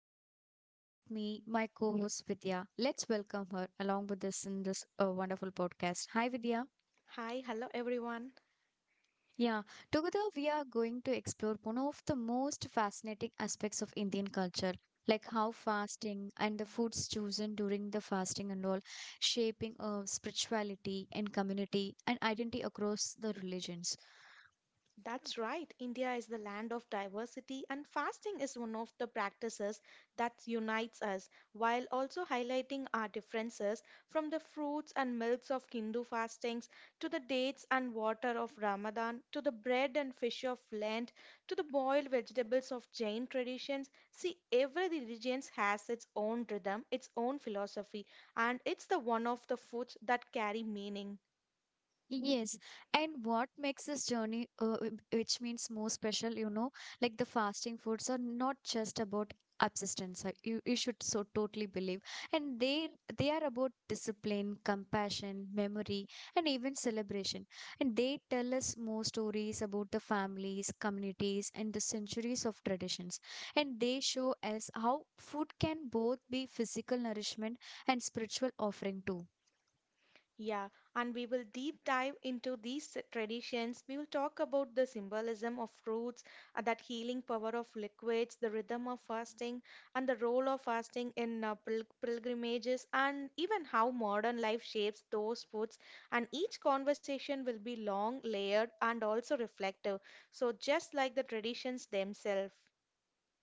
Danu and with me my co-host Vidya. Let's welcome her along with us in this wonderful podcast. Hi Vidya. Hi, hello everyone. Yeah, together we are going to explore one of the most fascinating aspects of Indian culture, like how fasting and the foods chosen during the fasting and all shaping spirituality and community and identity across the religions. That's right, India is the land of diversity, and fasting is one of the practices that unites us while also highlighting our differences from the fruits and milks of Hindu fastings to the dates and water of Ramadan to the bread and fish of Lent to the boiled vegetables of Jain traditions. See, every religion has its own rhythm, its own philosophy, and it's the one of the foods that carry meaning. Yes, and what makes this journey, which means more special, you know, like the fasting foods are not just about abstinence. You should so totally believe, and they are about discipline, compassion, memory, and even celebration. And they tell us more stories about the families, communities, and the centuries of traditions. And they show us how food can both be physical nourishment and spiritual offering too. Yeah, and we will deep dive into these traditions. We will talk about the symbolism of fruits, that healing power of liquids, the rhythm of fasting, and the role of fasting in pilgrimages, and even how modern life shapes those foods. And each conversation will be long, layered, and also reflective. So, just like the traditions themselves.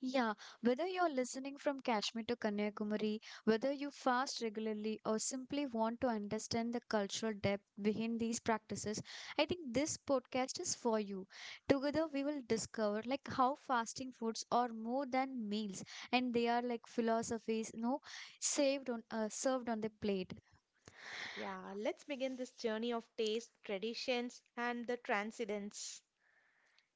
Yeah, whether you're listening from Kashmir to Kanyakumari, whether you fast regularly or simply want to understand the cultural depth behind these practices, I think this podcast is for you. Together we will discover like how fasting foods are more than meals and they are like philosophies, no, saved on served on the plate. Yeah, let's begin this journey of taste, traditions, and the transcendence.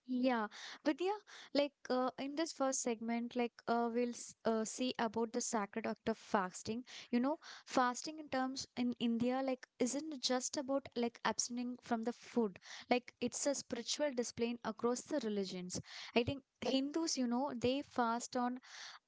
Yeah, Vidya, like in this first segment, like we'll see about the sacred act of fasting. You know, fasting in terms in India, like, isn't just about like abstaining from the food. Like, it's a spiritual display across the religions. I think Hindus, you know, they fast on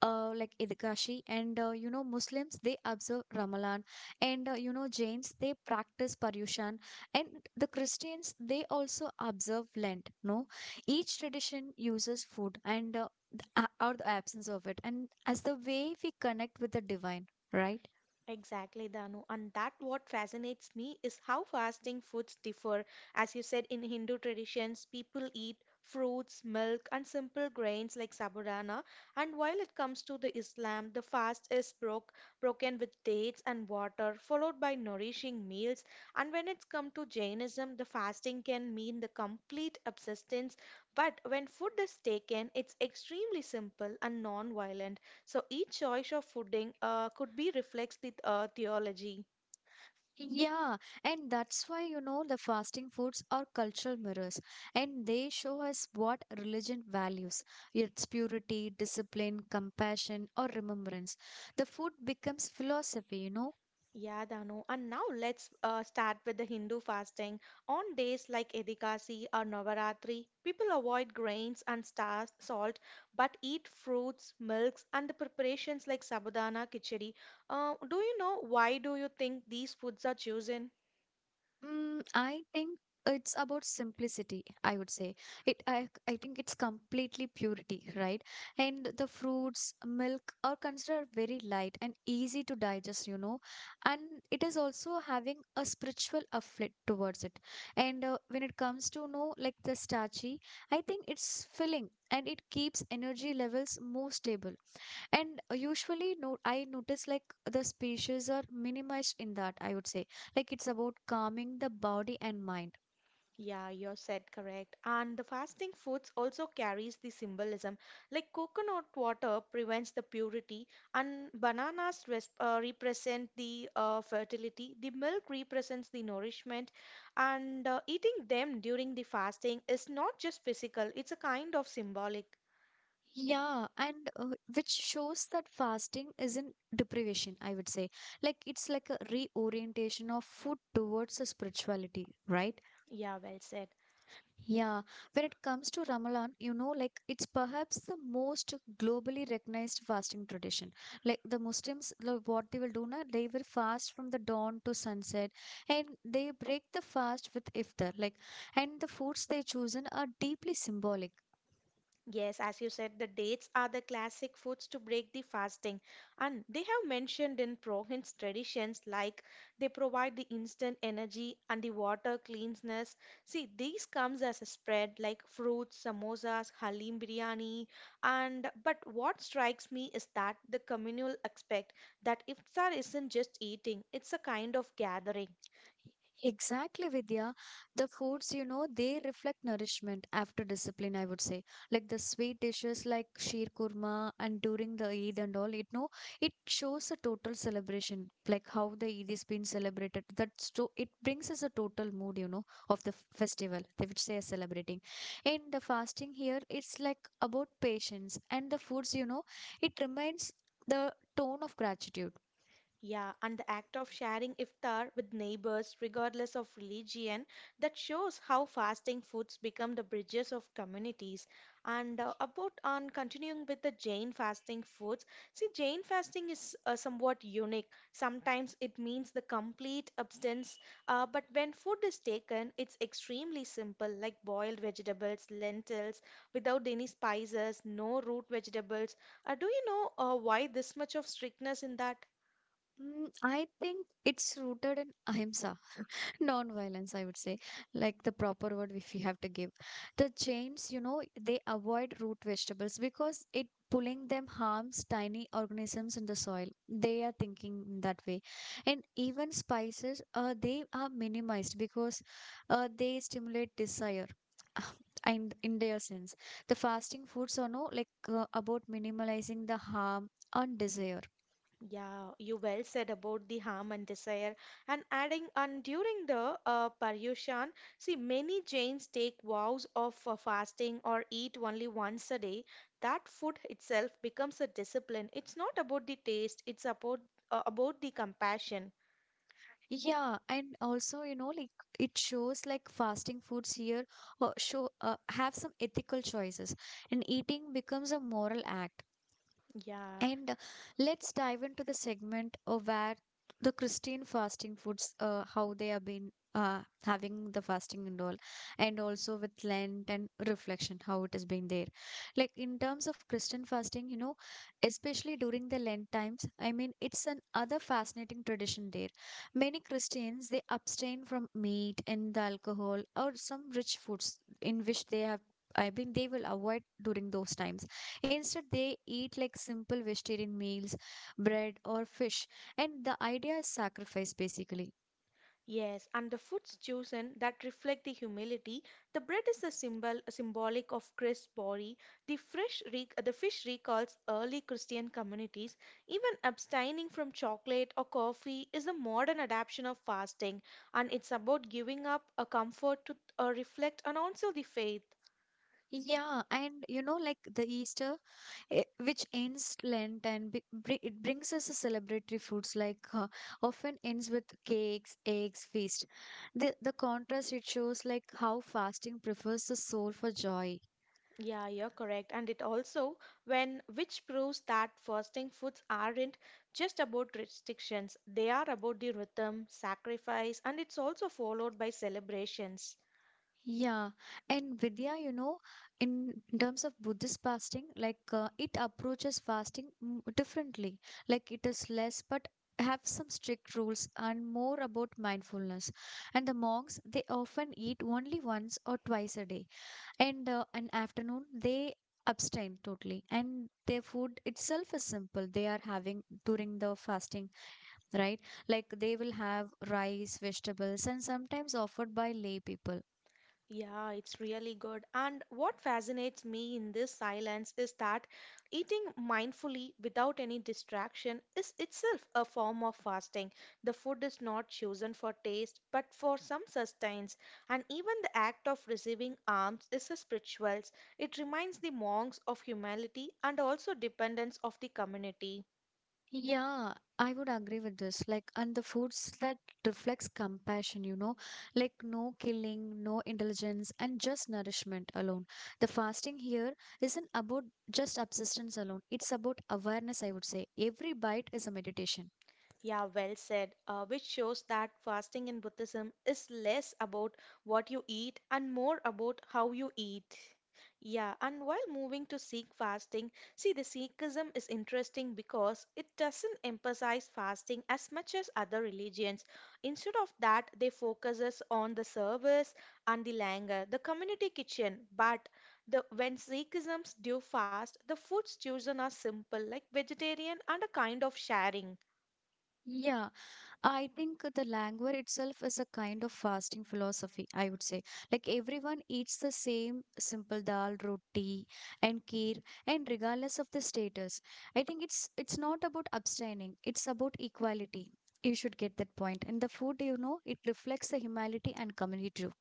like Idkashi, and you know, Muslims they observe Ramadan, and you know, Jains they practice Paryushan, and the Christians they also observe Lent. No, each tradition uses food and or the absence of it and as the way we connect with the divine, right? Exactly, Danu. And that what fascinates me is how fasting foods differ. As you said, in Hindu traditions, people eat fruits, milk, and simple grains like sabudana. And while it comes to the Islam, the fast is broke, broken with dates and water, followed by nourishing meals. And when it's come to Jainism, the fasting can mean the complete abstinence. But when food is taken, it's extremely simple and non-violent. So each choice of fooding could be reflects the theology. Yeah, and that's why you know the fasting foods are cultural mirrors, and they show us what religion values, its purity, discipline, compassion, or remembrance. The food becomes philosophy, you know. Yeah, Dano. And now let's start with the Hindu fasting. On days like Edikasi or Navaratri, people avoid grains and star salt, but eat fruits, milks, and the preparations like sabudana, khichdi. Do you know why do you think these foods are chosen? Mm, I think it's about simplicity, I would say. It I think it's completely purity, right? And the fruits, milk are considered very light and easy to digest, you know. And it is also having a spiritual afflict towards it. And when it comes to know like the starchy, I think it's filling and it keeps energy levels more stable. And usually, no, I notice like the species are minimized in that, I would say. Like it's about calming the body and mind. Yeah, you said correct. And the fasting foods also carries the symbolism. Like coconut water prevents the purity, and bananas res represent the fertility. The milk represents the nourishment, and eating them during the fasting is not just physical, it's a kind of symbolic. Yeah, and which shows that fasting isn't deprivation, I would say. Like it's like a reorientation of food towards the spirituality, right? Yeah, well said. Yeah, when it comes to Ramadan, you know, like it's perhaps the most globally recognized fasting tradition. Like the Muslims, like what they will do now, they will fast from the dawn to sunset, and they break the fast with iftar. Like, and the foods they chosen are deeply symbolic. Yes, as you said, the dates are the classic foods to break the fasting, and they have mentioned in province traditions like they provide the instant energy and the water cleanliness. See, these comes as a spread like fruits, samosas, halim biryani, and but what strikes me is that the communal aspect that iftar isn't just eating; it's a kind of gathering. Exactly, Vidya. The foods, you know, they reflect nourishment after discipline, I would say. Like the sweet dishes like sheer kurma and during the Eid and all, it no, it shows a total celebration, like how the Eid is being celebrated. That's so it brings us a total mood, you know, of the festival, they which they are celebrating. And the fasting here, it's like about patience and the foods, you know, it reminds the tone of gratitude. Yeah, and the act of sharing iftar with neighbors, regardless of religion, that shows how fasting foods become the bridges of communities. And about on continuing with the Jain fasting foods, see, Jain fasting is somewhat unique. Sometimes it means the complete abstinence, but when food is taken, it's extremely simple, like boiled vegetables, lentils, without any spices, no root vegetables. Do you know why this much of strictness in that? Mm, I think it's rooted in ahimsa, non-violence, I would say, like the proper word if you have to give. The chains you know they avoid root vegetables because it pulling them harms tiny organisms in the soil, they are thinking in that way. And even spices, they are minimized because they stimulate desire. And in their sense, the fasting foods are no like about minimalizing the harm on desire. Yeah, you well said about the harm and desire. And adding on during the Paryushan, see many Jains take vows of fasting or eat only once a day. That food itself becomes a discipline. It's not about the taste, it's about the compassion. Yeah, and also, you know, like it shows like fasting foods here show have some ethical choices, and eating becomes a moral act. Yeah. And let's dive into the segment of where the Christian fasting foods, how they have been having the fasting and all, and also with Lent and reflection, how it has been there. Like in terms of Christian fasting, you know, especially during the Lent times, I mean, it's an other fascinating tradition there. Many Christians they abstain from meat and the alcohol or some rich foods in which they have. I mean, they will avoid during those times. Instead, they eat like simple vegetarian meals, bread or fish, and the idea is sacrifice basically. Yes, and the foods chosen that reflect the humility. The bread is a symbolic of Christ's body. The fish recalls early Christian communities. Even abstaining from chocolate or coffee is a modern adaptation of fasting, and it's about giving up a comfort to reflect and also the faith. Yeah, and you know, like the Easter, eh, which ends Lent and it brings us a celebratory foods like often ends with cakes, eggs, feast. The contrast it shows like how fasting prefers the soul for joy. Yeah, you're correct. And it also when which proves that fasting foods aren't just about restrictions. They are about the rhythm, sacrifice, and it's also followed by celebrations. Yeah, and Vidya, you know, in terms of Buddhist fasting, like it approaches fasting differently. Like it is less, but have some strict rules and more about mindfulness. And the monks, they often eat only once or twice a day, and an afternoon they abstain totally. And their food itself is simple. They are having during the fasting, right? Like they will have rice, vegetables, and sometimes offered by lay people. Yeah, it's really good. And what fascinates me in this silence is that eating mindfully without any distraction is itself a form of fasting. The food is not chosen for taste, but for some sustenance. And even the act of receiving alms is a spiritual. It reminds the monks of humility and also dependence of the community. Yeah, I would agree with this. Like, and the foods that reflects compassion, you know, like no killing, no indulgence, and just nourishment alone. The fasting here isn't about just subsistence alone. It's about awareness, I would say. Every bite is a meditation. Yeah, well said. Which shows that fasting in Buddhism is less about what you eat and more about how you eat. Yeah, and while moving to Sikh fasting, see the Sikhism is interesting because it doesn't emphasize fasting as much as other religions. Instead of that, they focuses on the service and the langar, the community kitchen. But the when Sikhisms do fast, the foods chosen are simple, like vegetarian and a kind of sharing. Yeah, I think the languor itself is a kind of fasting philosophy, I would say. Like everyone eats the same simple dal, roti, and kheer, and regardless of the status. I think it's not about abstaining, it's about equality. You should get that point. And the food, you know, it reflects the humanity and community too.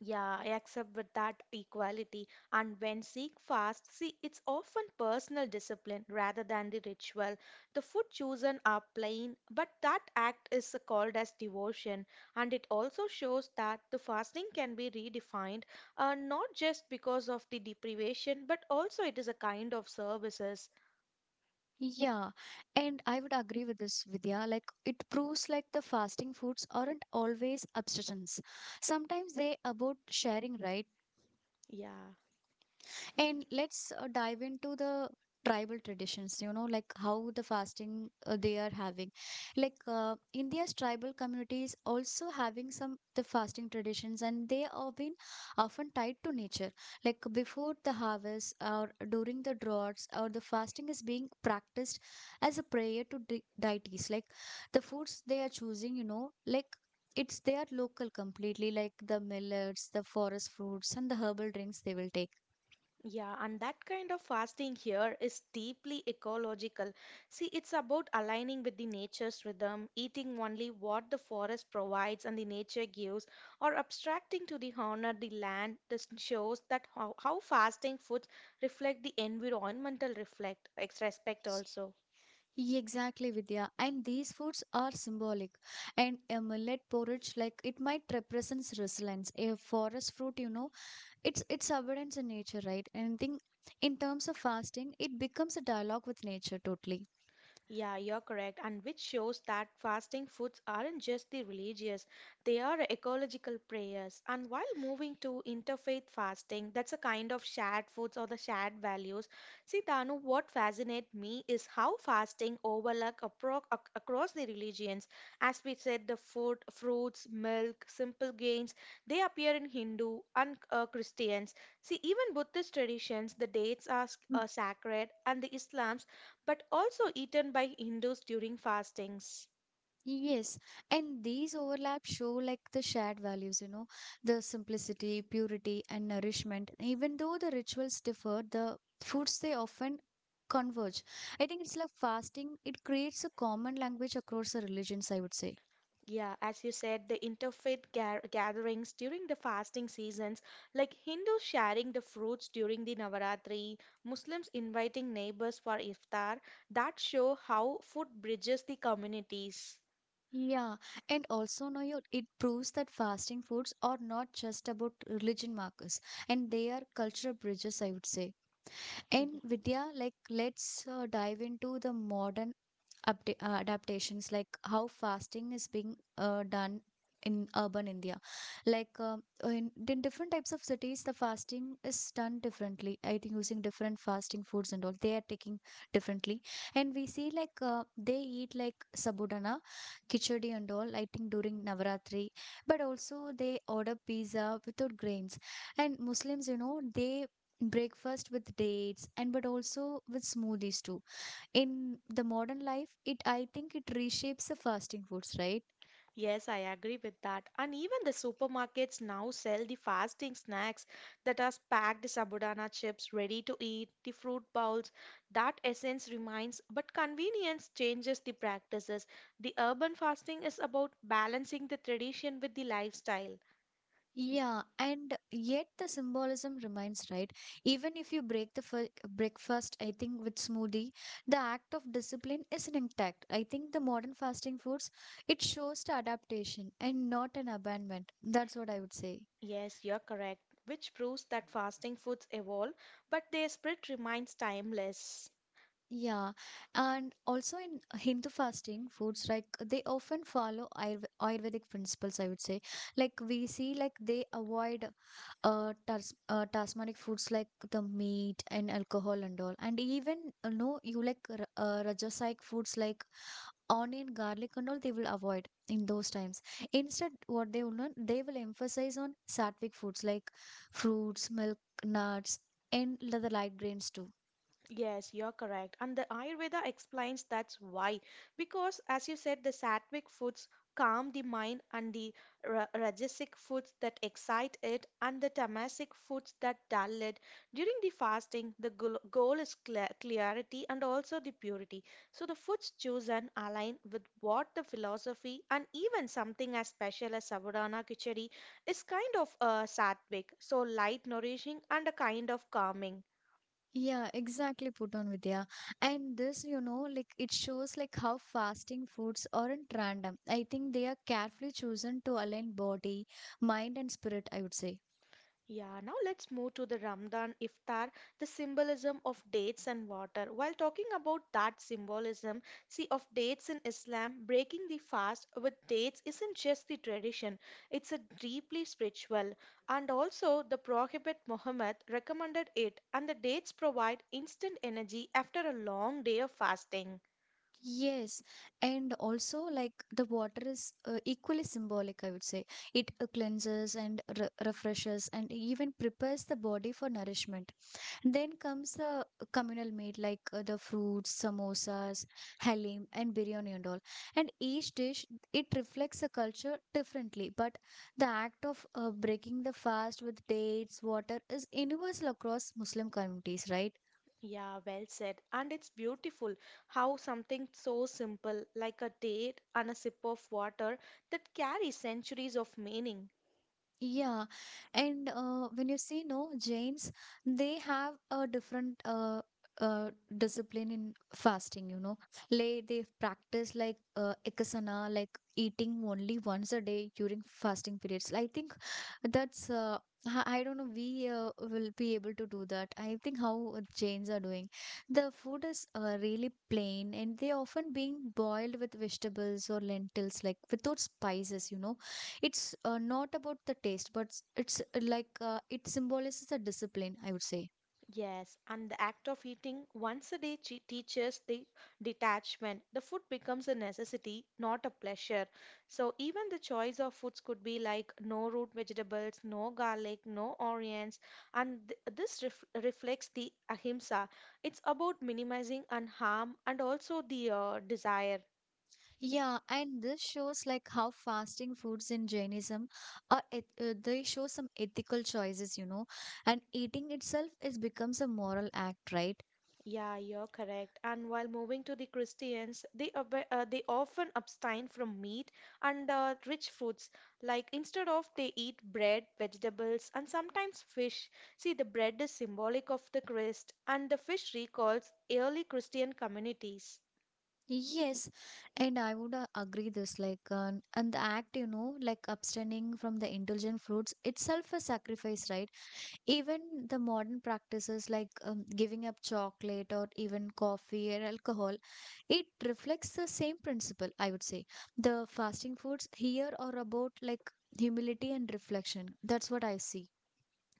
Yeah, I accept with that equality. And when Sikh fast, see, it's often personal discipline rather than the ritual. The food chosen are plain, but that act is called as devotion. And it also shows that the fasting can be redefined, not just because of the deprivation, but also it is a kind of services. Yeah, and I would agree with this, Vidya. Like it proves like the fasting foods aren't always abstentions. Sometimes they about sharing, right? Yeah. And let's dive into the tribal traditions, you know, like how the fasting they are having. Like India's tribal communities also having some the fasting traditions and they are been often tied to nature. Like before the harvest or during the droughts or the fasting is being practiced as a prayer to deities. Like the foods they are choosing, you know, like it's they are local completely, like the millets, the forest fruits, and the herbal drinks they will take. Yeah, and that kind of fasting here is deeply ecological. See, it's about aligning with the nature's rhythm, eating only what the forest provides and the nature gives, or abstracting to the honor the land. This shows that how fasting foods reflect the environmental respect also. Yeah, exactly, Vidya. And these foods are symbolic. And a millet porridge, like it might represents resilience. A forest fruit, you know, it's abundance in nature, right? And I think in terms of fasting, it becomes a dialogue with nature totally. Yeah, you're correct. And which shows that fasting foods aren't just the religious, they are ecological prayers. And while moving to interfaith fasting, that's a kind of shared foods or the shared values. See, Danu, what fascinates me is how fasting across the religions. As we said, the food, fruits, milk, simple gains, they appear in Hindu and Christians. See, even Buddhist traditions, the dates are sacred, and the Islam's but also eaten by Hindus during fastings. Yes, and these overlaps show like the shared values, you know, the simplicity, purity, and nourishment. Even though the rituals differ, the foods they often converge. I think it's like fasting, it creates a common language across the religions, I would say. Yeah, as you said, the interfaith gatherings during the fasting seasons, like Hindus sharing the fruits during the Navaratri, Muslims inviting neighbors for iftar, that show how food bridges the communities. Yeah, and also know you it proves that fasting foods are not just about religion markers, and they are cultural bridges, I would say. And Vidya, like let's dive into the modern adaptations, like how fasting is being done in urban India, like in different types of cities the fasting is done differently, I think, using different fasting foods and all they are taking differently. And we see like they eat like sabudana kichadi and all, I think during Navaratri, but also they order pizza without grains. And Muslims, you know, they breakfast with dates and but also with smoothies too. In the modern life, it I think it reshapes the fasting foods, right? Yes, I agree with that. And even the supermarkets now sell the fasting snacks that are packed sabudana chips ready to eat, the fruit bowls. That essence remains, but convenience changes the practices. The urban fasting is about balancing the tradition with the lifestyle. Yeah, and yet the symbolism remains, right? Even if you break the breakfast I think with smoothie, the act of discipline is intact. I think the modern fasting foods, it shows the adaptation and not an abandonment, that's what I would say. Yes, you're correct, which proves that fasting foods evolve, but their spirit remains timeless. Yeah, and also in Hindu fasting, foods like they often follow Ayurvedic principles, I would say. Like we see, like they avoid Tasmanic foods like the meat and alcohol and all, and even no, you like r- Rajasic foods like onion, garlic and all, they will avoid in those times. Instead, what they will not, they will emphasize on sattvic foods like fruits, milk, nuts, and the light grains too. Yes, you're correct. And the Ayurveda explains that's why. Because, as you said, the sattvic foods calm the mind, and the rajasic foods that excite it, and the tamasic foods that dull it. During the fasting, goal is clarity and also the purity. So, the foods chosen align with what the philosophy and even something as special as Savadana Khichdi is kind of sattvic. So, light, nourishing, and a kind of calming. Yeah, exactly, put on Vidya. And this, you know, like it shows like how fasting foods aren't random. I think they are carefully chosen to align body, mind, and spirit, I would say. Yeah, now let's move to the Ramadan iftar, the symbolism of dates and water. While talking about that symbolism, see of dates in Islam, breaking the fast with dates isn't just the tradition, it's a deeply spiritual. And also the Prophet Muhammad recommended it, and the dates provide instant energy after a long day of fasting. Yes, and also like the water is equally symbolic, I would say. It cleanses and re refreshes and even prepares the body for nourishment. Then comes the communal meat like the fruits, samosas, halim, and biryani and all. And each dish it reflects the culture differently, but the act of breaking the fast with dates, water is universal across Muslim communities, right? Yeah, well said. And it's beautiful how something so simple like a date and a sip of water that carries centuries of meaning. Yeah, and when you see no Jains, they have a different uh, discipline in fasting. You know, like they practice like ekasana, like eating only once a day during fasting periods. I think that's I don't know. We will be able to do that. I think how chains are doing. The food is really plain, and they often being boiled with vegetables or lentils, like without spices. You know, it's not about the taste, but it's it symbolizes a discipline. I would say. Yes, and the act of eating once a day teaches the detachment. The food becomes a necessity, not a pleasure. So even the choice of foods could be like no root vegetables, no garlic, no onions, and this reflects the ahimsa. It's about minimizing and harm and also the desire. Yeah, and this shows like how fasting foods in Jainism are they show some ethical choices, you know, and eating itself is becomes a moral act, right? Yeah, you're correct. And while moving to the Christians, they often abstain from meat and rich foods. Like instead of they eat bread, vegetables, and sometimes fish. See, the bread is symbolic of the Christ, and the fish recalls early Christian communities. Yes, and I would agree this and the act, you know, like abstaining from the indulgent fruits itself a sacrifice, right? Even the modern practices like giving up chocolate or even coffee or alcohol, it reflects the same principle, I would say. The fasting foods here are about like humility and reflection. That's what I see.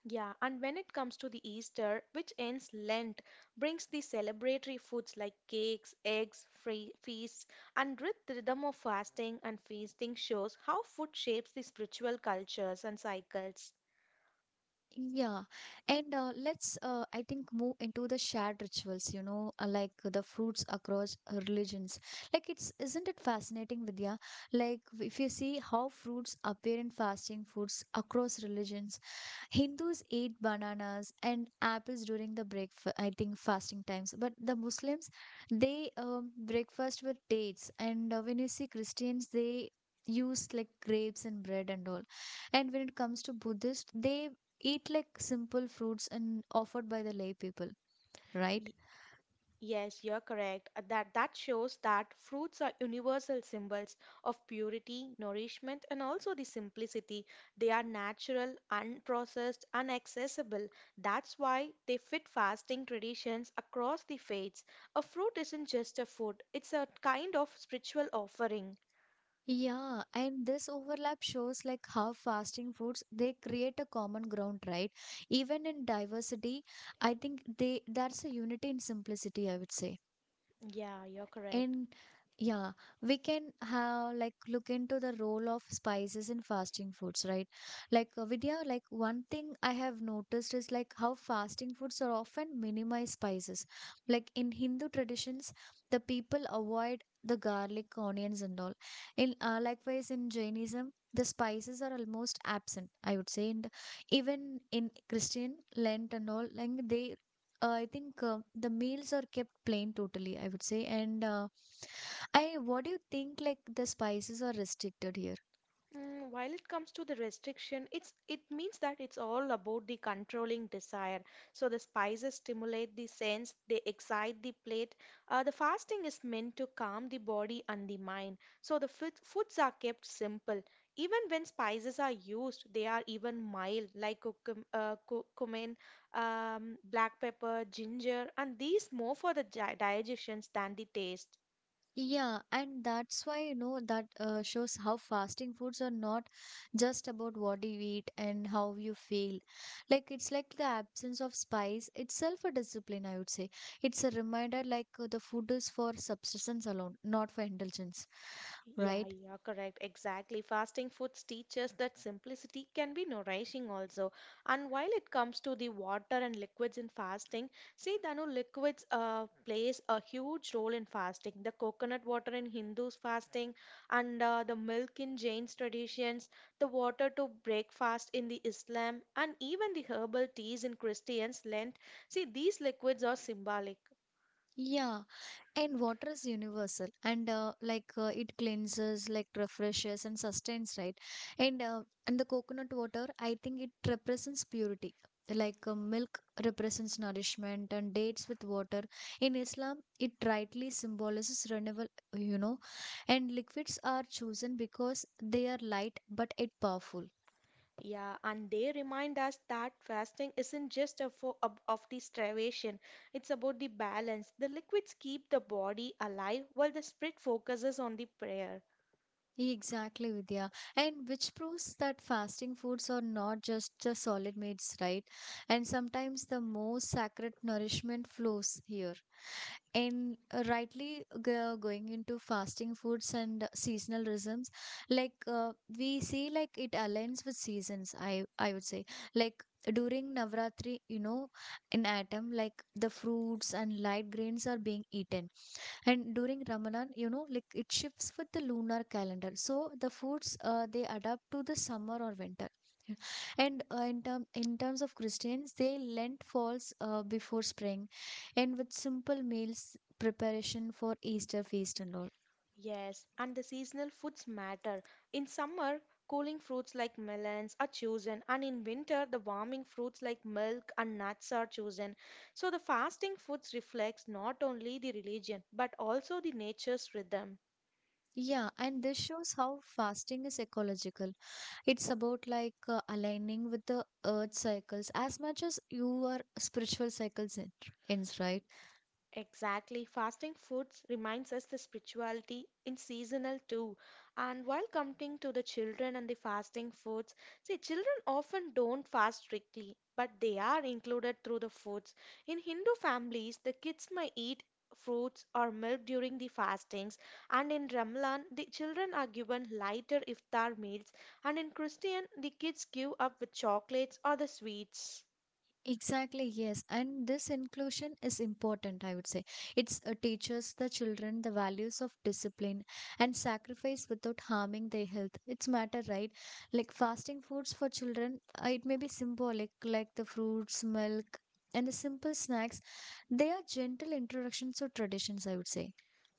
Yeah, and when it comes to the Easter, which ends Lent, brings the celebratory foods like cakes, eggs, free feasts, and with the rhythm of fasting and feasting shows how food shapes the spiritual cultures and cycles. Yeah, and let's I think move into the shared rituals, you know, like the fruits across religions. Like it's isn't it fascinating, Vidya? Like if you see how fruits appear in fasting foods across religions, Hindus eat bananas and apples during the break, I think fasting times, but the Muslims they breakfast with dates, and when you see Christians, they use like grapes and bread and all. And when it comes to Buddhist, they eat like simple fruits and offered by the lay people, right? Yes, you're correct. That that shows that fruits are universal symbols of purity, nourishment, and also the simplicity. They are natural, unprocessed, and accessible. That's why they fit fasting traditions across the faiths. A fruit isn't just a food; it's a kind of spiritual offering. Yeah, and this overlap shows like how fasting foods they create a common ground, right? Even in diversity, I think they that's a unity in simplicity, I would say. Yeah, you're correct. And yeah, we can have like look into the role of spices in fasting foods, right? Like Vidya, like one thing I have noticed is like how fasting foods are often minimize spices. Like in Hindu traditions, the people avoid the garlic, onions, and all. In likewise in Jainism, the spices are almost absent. I would say, and even in Christian Lent and all, like they I think the meals are kept plain totally, I would say. And I, what do you think? Like the spices are restricted here. Mm, while it comes to the restriction, it means that it's all about the controlling desire. So the spices stimulate the sense, they excite the plate. The fasting is meant to calm the body and the mind. So foods are kept simple. Even when spices are used, they are even mild, like cumin, black pepper, ginger, and these more for the digestions than the taste. Yeah, and that's why you know that shows how fasting foods are not just about what you eat and how you feel. Like it's like the absence of spice itself a discipline, I would say. It's a reminder like the food is for subsistence alone, not for indulgence, Yeah, right? yeah, correct. Exactly. Fasting foods teach us that simplicity can be nourishing also. And while it comes to the water and liquids in fasting, see, Danu, liquids plays a huge role in fasting. The coconut water in Hindus fasting and the milk in Jain's traditions, the water to breakfast in the Islam, and even the herbal teas in Christians' Lent. See, these liquids are symbolic. Yeah. And water is universal and it cleanses, like refreshes and sustains, right? And and the coconut water, I think it represents purity. Like milk represents nourishment and dates with water. In Islam, it rightly symbolizes renewal, you know. And liquids are chosen because they are light but yet powerful. Yeah, and they remind us that fasting isn't just a of the starvation, it's about the balance. The liquids keep the body alive while the spirit focuses on the prayer. Exactly, Vidya. And which proves that fasting foods are not just the solid meats, right? And sometimes the most sacred nourishment flows here. And going into fasting foods and seasonal rhythms, like we see, like it aligns with seasons. I would say, like during Navratri, you know, in autumn, like the fruits and light grains are being eaten, and during Ramadan, you know, like it shifts with the lunar calendar, so the foods they adapt to the summer or winter. Yeah. And in terms of Christians, they Lent falls before spring and with simple meals preparation for Easter feast and all. Yes, and the seasonal foods matter. In summer, cooling fruits like melons are chosen, and in winter, the warming fruits like milk and nuts are chosen. So the fasting foods reflects not only the religion but also the nature's rhythm. Yeah, and this shows how fasting is ecological. It's about like aligning with the earth cycles as much as you are spiritual cycles ends, right? Exactly. Fasting foods reminds us the spirituality in seasonal too. And while coming to the children and the fasting foods, see, children often don't fast strictly, but they are included through the foods. In Hindu families, the kids may eat fruits or milk during the fastings, and in Ramadan, the children are given lighter iftar meals, and in Christian, the kids give up with chocolates or the sweets. Exactly, yes. And this inclusion is important, I would say. It teaches the children the values of discipline and sacrifice without harming their health. It's matter, right? Like fasting foods for children, it may be symbolic, like the fruits, milk, and the simple snacks. They are gentle introductions to traditions, I would say.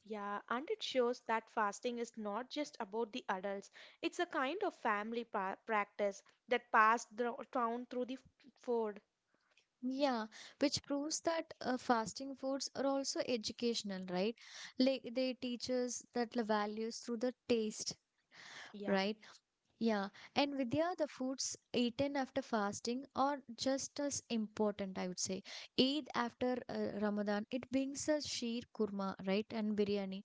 Yeah, and it shows that fasting is not just about the adults. It's a kind of family pa practice that down through the food. Yeah, which proves that fasting foods are also educational, right? Like they teach us that the values through the taste, Yeah. right? Yeah, and Vidya, the foods eaten after fasting are just as important, I would say. Eid after Ramadan, it brings us sheer kurma, right, and biryani.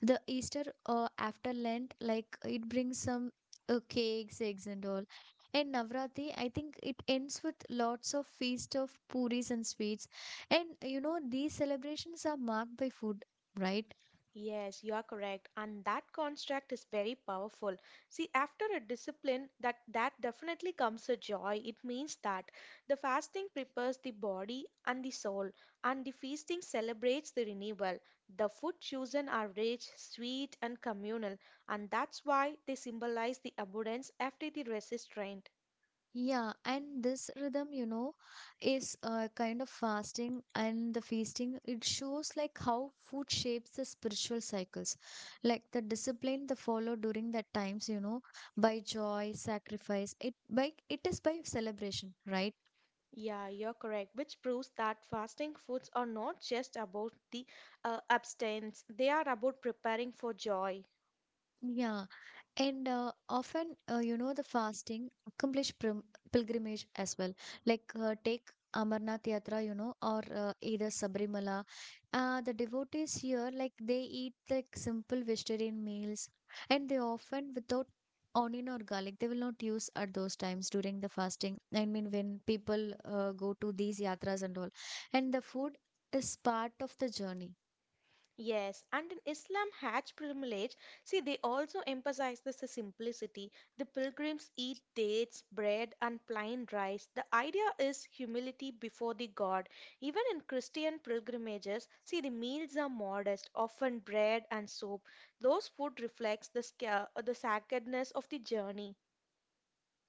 The Easter after Lent, like it brings some cakes, eggs, and all. And Navratri, I think it ends with lots of feast of puris and sweets. And you know, these celebrations are marked by food, right? Yes, you are correct. And that construct is very powerful. See, after a discipline, that definitely comes a joy. It means that the fasting prepares the body and the soul, and the feasting celebrates the renewal. The food chosen are rich, sweet, and communal, and that's why they symbolize the abundance after the restraint. Yeah, and this rhythm, you know, is kind of fasting and the feasting. It shows like how food shapes the spiritual cycles, like the discipline they follow during that times, you know, by joy, sacrifice. It by it is by celebration, right? Yeah, you're correct, which proves that fasting foods are not just about the abstinence, they are about preparing for joy. Yeah. And often, you know, the fasting accomplish pilgrimage as well. Like take Amarnath Yatra, you know, or either Sabrimala. The devotees here, like they eat like simple vegetarian meals, and they often without onion or garlic. They will not use at those times during the fasting. I mean, when people go to these yatras and all, and the food is part of the journey. Yes, and in Islam, Hajj pilgrimage, see, they also emphasize this the simplicity. The pilgrims eat dates, bread, and plain rice. The idea is humility before the God. Even in Christian pilgrimages, see, the meals are modest, often bread and soap. Those food reflects the the sacredness of the journey.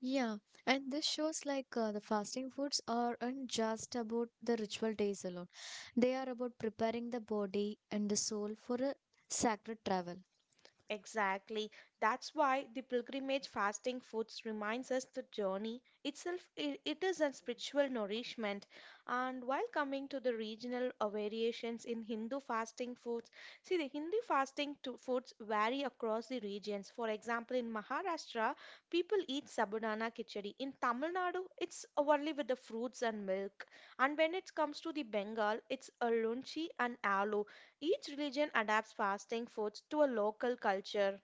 Yeah, and this shows like the fasting foods aren't just about the ritual days alone. They are about preparing the body and the soul for a sacred travel. Exactly. That's why the pilgrimage fasting foods reminds us the journey itself I it is a spiritual nourishment. And while coming to the regional variations in Hindu fasting foods, see the Hindu fasting to foods vary across the regions. For example, in Maharashtra, people eat sabudana khichdi. In Tamil Nadu, it's only with the fruits and milk. And when it comes to the Bengal, it's a lunchi and aloo. Each religion adapts fasting foods to a local culture.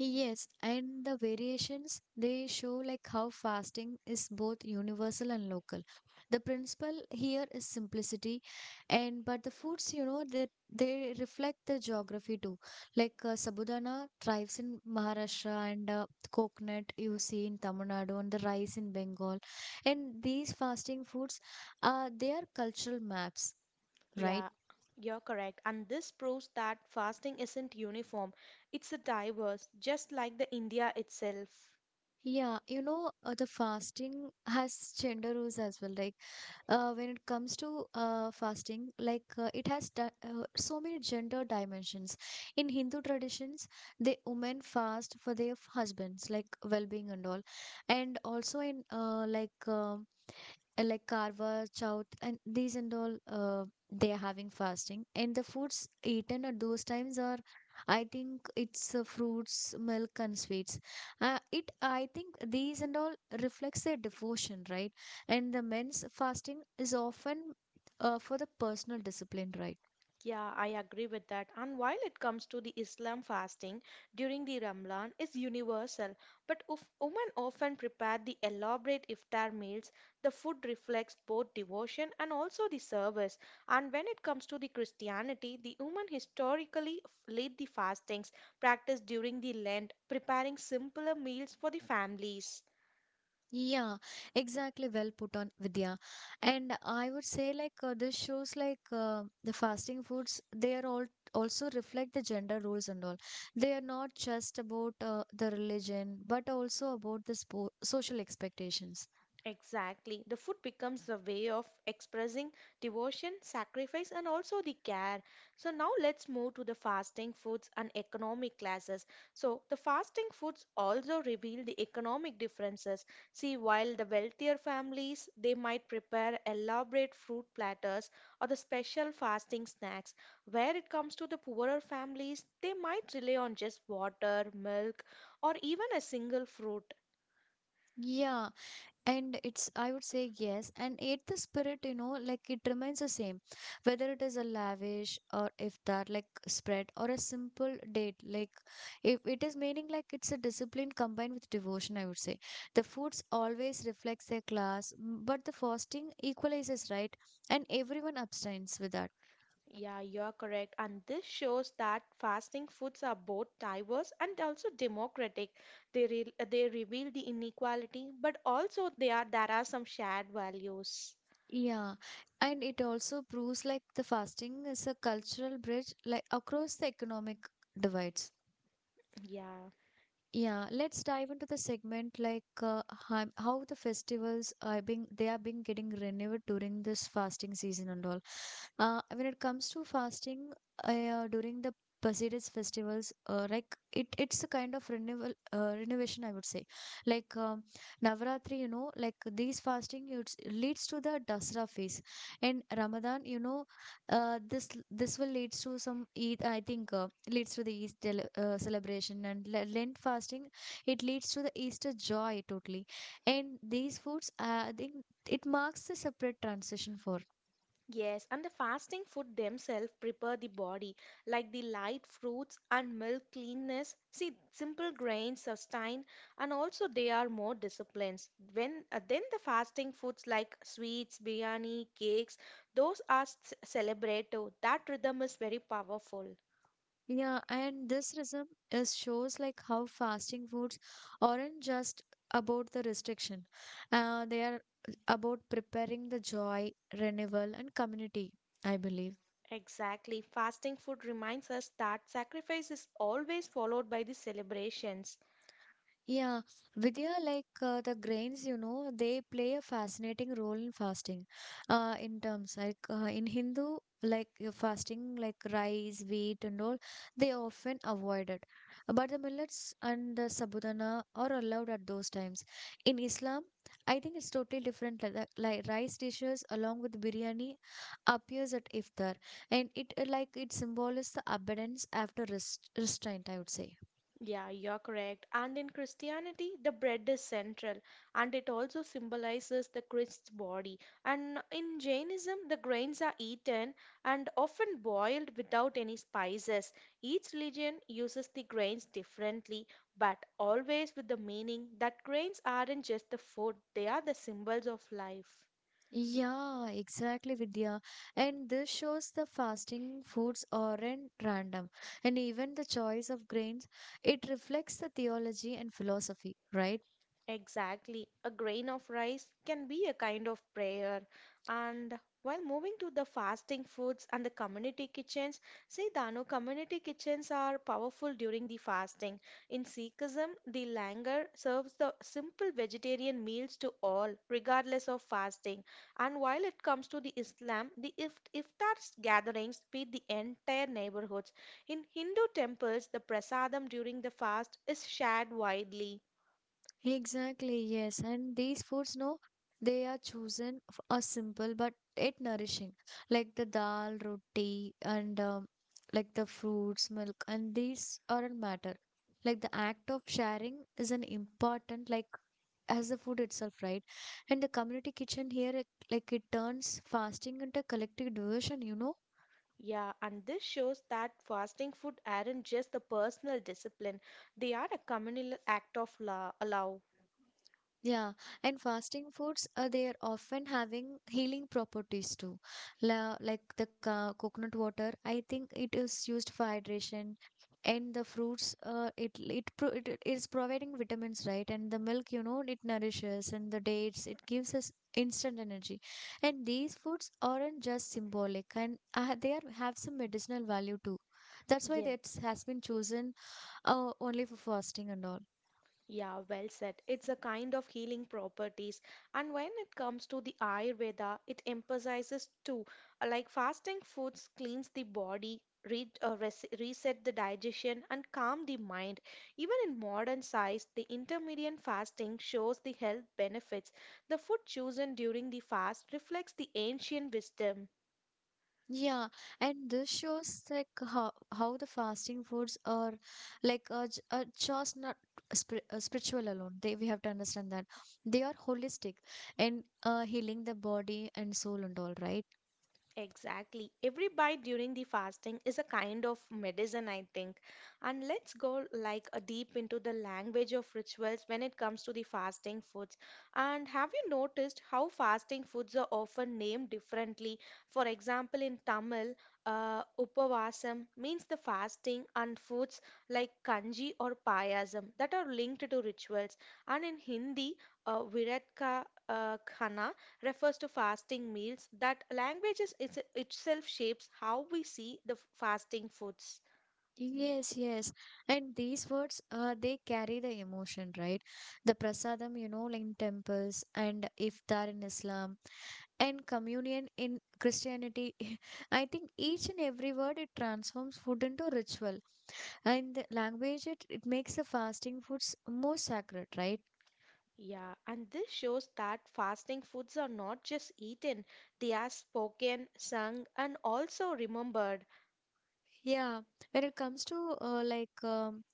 Yes, and the variations they show like how fasting is both universal and local. The principle here is simplicity, and but the foods you know that they, reflect the geography too. Like sabudana thrives in Maharashtra, and coconut you see in Tamil Nadu, and the rice in Bengal, and these fasting foods, they are cultural maps. Right. Yeah, you're correct. And this proves that fasting isn't uniform, it's a diverse, just like the India itself. Yeah, you know, the fasting has gender rules as well. Like, when it comes to fasting, like it has so many gender dimensions. In Hindu traditions, the women fast for their husbands, like well-being and all, and also in like Karwa, Chauth and these and all, they are having fasting. And the foods eaten at those times are, I think it's fruits, milk, and sweets. It, I think these and all reflects their devotion, right? And the men's fasting is often for the personal discipline, right? Yeah, I agree with that. And while it comes to the Islam fasting during the Ramadan is universal, but if women often prepare the elaborate iftar meals, the food reflects both devotion and also the service. And when it comes to the Christianity, the women historically lead the fastings practiced during the Lent, preparing simpler meals for the families. Yeah, exactly. Well put on, Vidya. And I would say, like, this shows like the fasting foods, they are all also reflect the gender roles and all. They are not just about the religion, but also about the spo social expectations. Exactly. The food becomes a way of expressing devotion, sacrifice, and also the care. So, now let's move to the fasting foods and economic classes. So, the fasting foods also reveal the economic differences. See, while the wealthier families they might prepare elaborate fruit platters or the special fasting snacks, where it comes to the poorer families, they might rely on just water, milk, or even a single fruit. Yeah, and it's I would say yes, and yet the spirit, you know, like it remains the same, whether it is a lavish or if that like spread or a simple date, like if it is meaning, like it's a discipline combined with devotion, I would say. The foods always reflects their class but the fasting equalizes, right, and everyone abstains with that. Yeah, you're correct. And this shows that fasting foods are both diverse and also democratic. They reveal the inequality, but also they are there are some shared values. Yeah, and it also proves like the fasting is a cultural bridge like across the economic divides. Yeah. Yeah, let's dive into the segment like how the festivals are being they are being getting renewed during this fasting season and all. When it comes to fasting during the Pasiris festivals, like it, it's a kind of renewal, renovation, I would say. Like Navaratri, you know, like these fasting it's, leads to the Dasra phase, and Ramadan, you know, this this will leads to some Eid, I think, leads to the Eid celebration, and Lent fasting, it leads to the Easter joy totally, and these foods, I think, it marks a separate transition for. Yes, and the fasting food themselves prepare the body, like the light fruits and milk cleanness. See, simple grains sustain, and also they are more disciplines. When then the fasting foods like sweets, biryani, cakes, those are celebrated. That rhythm is very powerful. Yeah, and this rhythm is shows like how fasting foods aren't just about the restriction. They are about preparing the joy, renewal, and community, I believe. Exactly, fasting food reminds us that sacrifice is always followed by the celebrations. Yeah, Vidya, like the grains, you know, they play a fascinating role in fasting. In Hindu, like fasting, like rice, wheat, and all, they often avoided. But the millets and the sabudana are allowed at those times. In Islam, I think it's totally different. Like, like rice dishes along with biryani appears at iftar, and it like it symbolizes the abundance after restraint. I would say. Yeah, you're correct. And in Christianity, the bread is central and it also symbolizes the Christ's body. And in Jainism, the grains are eaten and often boiled without any spices. Each religion uses the grains differently, but always with the meaning that grains aren't just the food, they are the symbols of life. Yeah, exactly, Vidya. And this shows the fasting foods aren't random. And even the choice of grains, it reflects the theology and philosophy, right? Exactly. A grain of rice can be a kind of prayer. And while moving to the fasting foods and the community kitchens, see Dano, community kitchens are powerful during the fasting. In Sikhism, the langar serves the simple vegetarian meals to all, regardless of fasting. And while it comes to the Islam, the iftar gatherings feed the entire neighborhoods. In Hindu temples, the prasadam during the fast is shared widely. Exactly, yes. And these foods, no, they are chosen are simple but yet nourishing, like the dal, roti, and like the fruits, milk, and these aren't matter. Like the act of sharing is an important, like as the food itself, right? And the community kitchen here, like it turns fasting into collective devotion. Yeah, and this shows that fasting food aren't just a personal discipline, they are a communal act of allow. Yeah, and fasting foods they are often having healing properties too. La, like the ca coconut water, I think it is used for hydration, and the fruits, it is providing vitamins, right? And the milk, it nourishes, and the dates, it gives us instant energy. And these foods aren't just symbolic, and they are have some medicinal value too. That's why Yeah. that has been chosen only for fasting and all. Yeah, well said. It's a kind of healing properties. And when it comes to the Ayurveda, it emphasizes two, like fasting foods cleans the body, re res reset the digestion, and calm the mind. Even in modern science, the intermittent fasting shows the health benefits. The food chosen during the fast reflects the ancient wisdom. Yeah, and this shows like how the fasting foods are like just not spiritual alone. They we have to understand that they are holistic and healing the body and soul and all, right? Exactly. Every bite during the fasting is a kind of medicine, I think. And let's go like a deep into the language of rituals when it comes to the fasting foods. And have you noticed how fasting foods are often named differently? For example, in Tamil, upavasam means the fasting, and foods like kanji or payasam that are linked to rituals. And in Hindi, viratka khana refers to fasting meals that language is itself shapes how we see the fasting foods. Yes, yes. And these words they carry the emotion, right? The prasadam, like in temples, and iftar in Islam, and communion in Christianity. I think each and every word it transforms food into ritual. And the language, it makes the fasting foods more sacred, right? Yeah, and this shows that fasting foods are not just eaten, they are spoken, sung, and also remembered. Yeah. When it comes to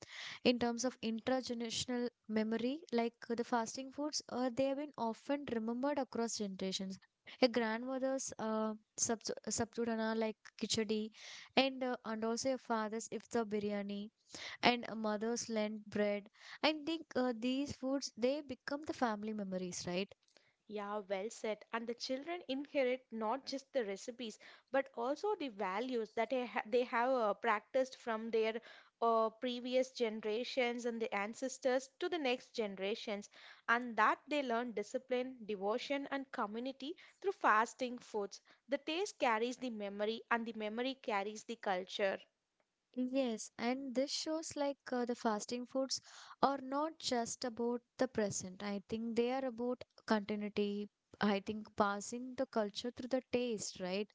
in terms of intergenerational memory, like the fasting foods, they have been often remembered across generations. A grandmother's sabzudana like kichadi, and also a father's iftar biryani, and a mother's lent bread. I think these foods they become the family memories, right? Yeah, well said. And the children inherit not just the recipes, but also the values that they have practiced from their previous generations and the ancestors to the next generations, and that they learn discipline, devotion, and community through fasting foods. The taste carries the memory, and the memory carries the culture. Yes, and this shows like the fasting foods are not just about the present. I think they are about continuity. I think passing the culture through the taste, right?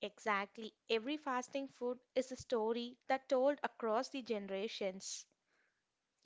Exactly. Every fasting food is a story that told across the generations.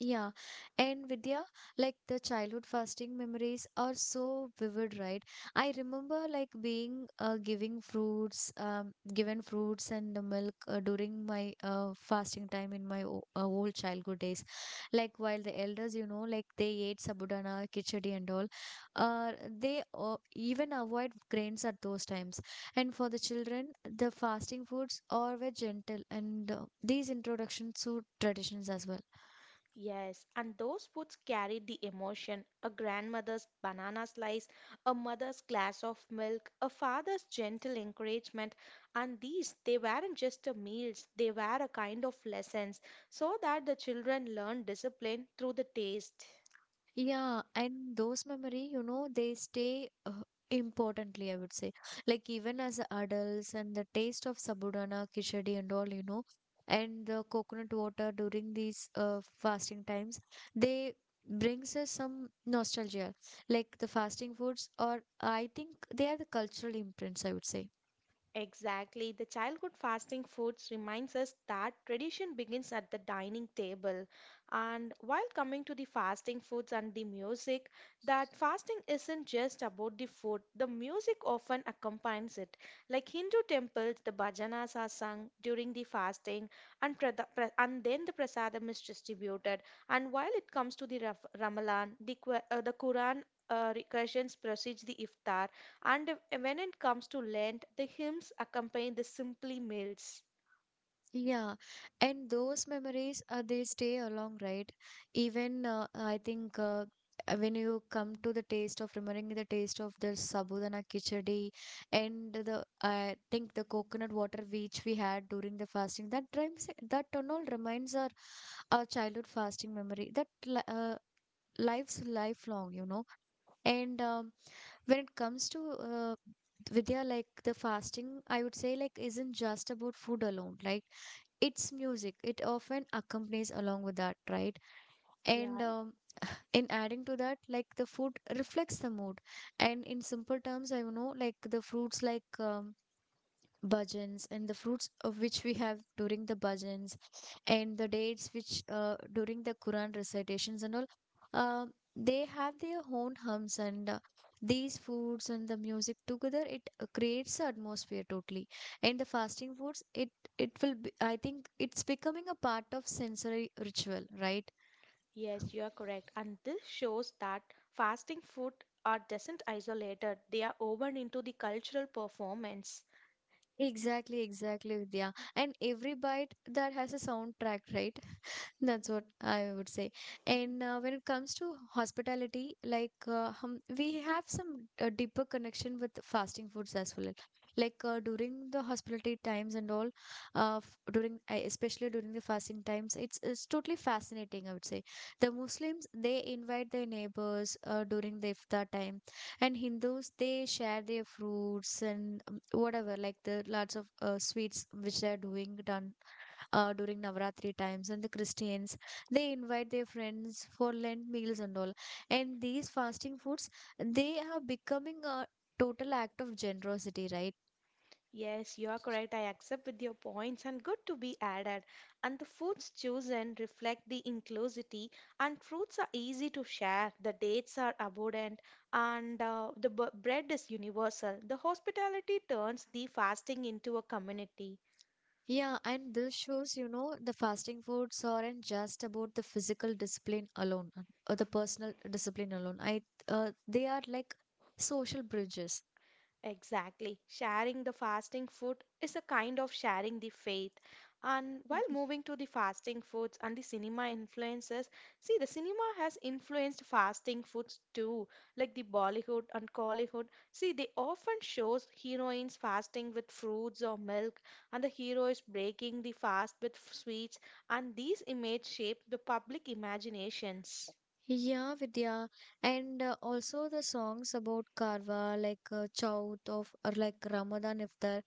Yeah, and Vidya, like the childhood fasting memories are so vivid, right? I remember like given fruits and the milk during my fasting time in my o old childhood days. Like while the elders, like they ate sabudana, khichdi and all, uh, they even avoid grains at those times. And for the children, the fasting foods are very gentle, and these introductions to traditions as well. Yes, and those foods carry the emotion. A grandmother's banana slice, a mother's glass of milk, a father's gentle encouragement, and these, they weren't just a meals, they were a kind of lessons so that the children learn discipline through the taste. Yeah, and those memory, they stay importantly, I would say. Like even as adults and the taste of sabudana, khichdi and all, and the coconut water during these fasting times, they brings us some nostalgia. Like the fasting foods or I think they are the cultural imprints, I would say. Exactly. The childhood fasting foods reminds us that tradition begins at the dining table. And while coming to the fasting foods and the music, that fasting isn't just about the food. The music often accompanies it. Like Hindu temples, the bhajanas are sung during the fasting and and then the prasadam is distributed. And while it comes to the Ramadan, the Quran recursions precedes the iftar and when it comes to Lent, the hymns accompany the simply meals. Yeah, and those memories they stay along, right? Even I think when you come to the taste of remembering the taste of the sabudana kichadi and the I think the coconut water which we had during the fasting, that rhymes, that and all reminds our childhood fasting memory that life's lifelong, you know. And when it comes to Vidya, like the fasting, I would say like isn't just about food alone. Like it's music. It often accompanies along with that, right? And Yeah, in adding to that, like the food reflects the mood. And in simple terms, I know like the fruits like bhajans and the fruits of which we have during the bhajans and the dates which during the Quran recitations and all, uh, they have their own hums and these foods and the music together it creates the atmosphere totally. And the fasting foods, it will be, I think it's becoming a part of sensory ritual, right? yes, you are correct. And this shows that fasting food are doesn't isolated. They are woven into the cultural performance. Exactly, exactly, Vidya. And every bite that has a soundtrack, right? That's what I would say. And when it comes to hospitality, like we have some deeper connection with fasting foods as well. Like during the hospitality times and all, f- during especially during the fasting times, it's totally fascinating. I would say the Muslims they invite their neighbors during the iftar time, and Hindus they share their fruits and whatever like the lots of sweets which they're doing done during Navratri times, and the Christians they invite their friends for Lent meals and all. And these fasting foods they are becoming a total act of generosity, right? Yes, you are correct. I accept with your points and good to be added. And the foods chosen reflect the inclusivity and fruits are easy to share. The dates are abundant and the bread is universal. The hospitality turns the fasting into a community. Yeah, and this shows, the fasting foods aren't just about the physical discipline alone or the personal discipline alone. I they are like social bridges. Exactly. Sharing the fasting food is a kind of sharing the faith. And while Mhm. moving to the fasting foods and the cinema influences, see, the cinema has influenced fasting foods too, like the Bollywood and Collywood. See, they often shows heroines fasting with fruits or milk, and the hero is breaking the fast with sweets, and these images shape the public imaginations. Yeah, Vidya, and also the songs about Karwa, like Chauth of or like Ramadan Iftar,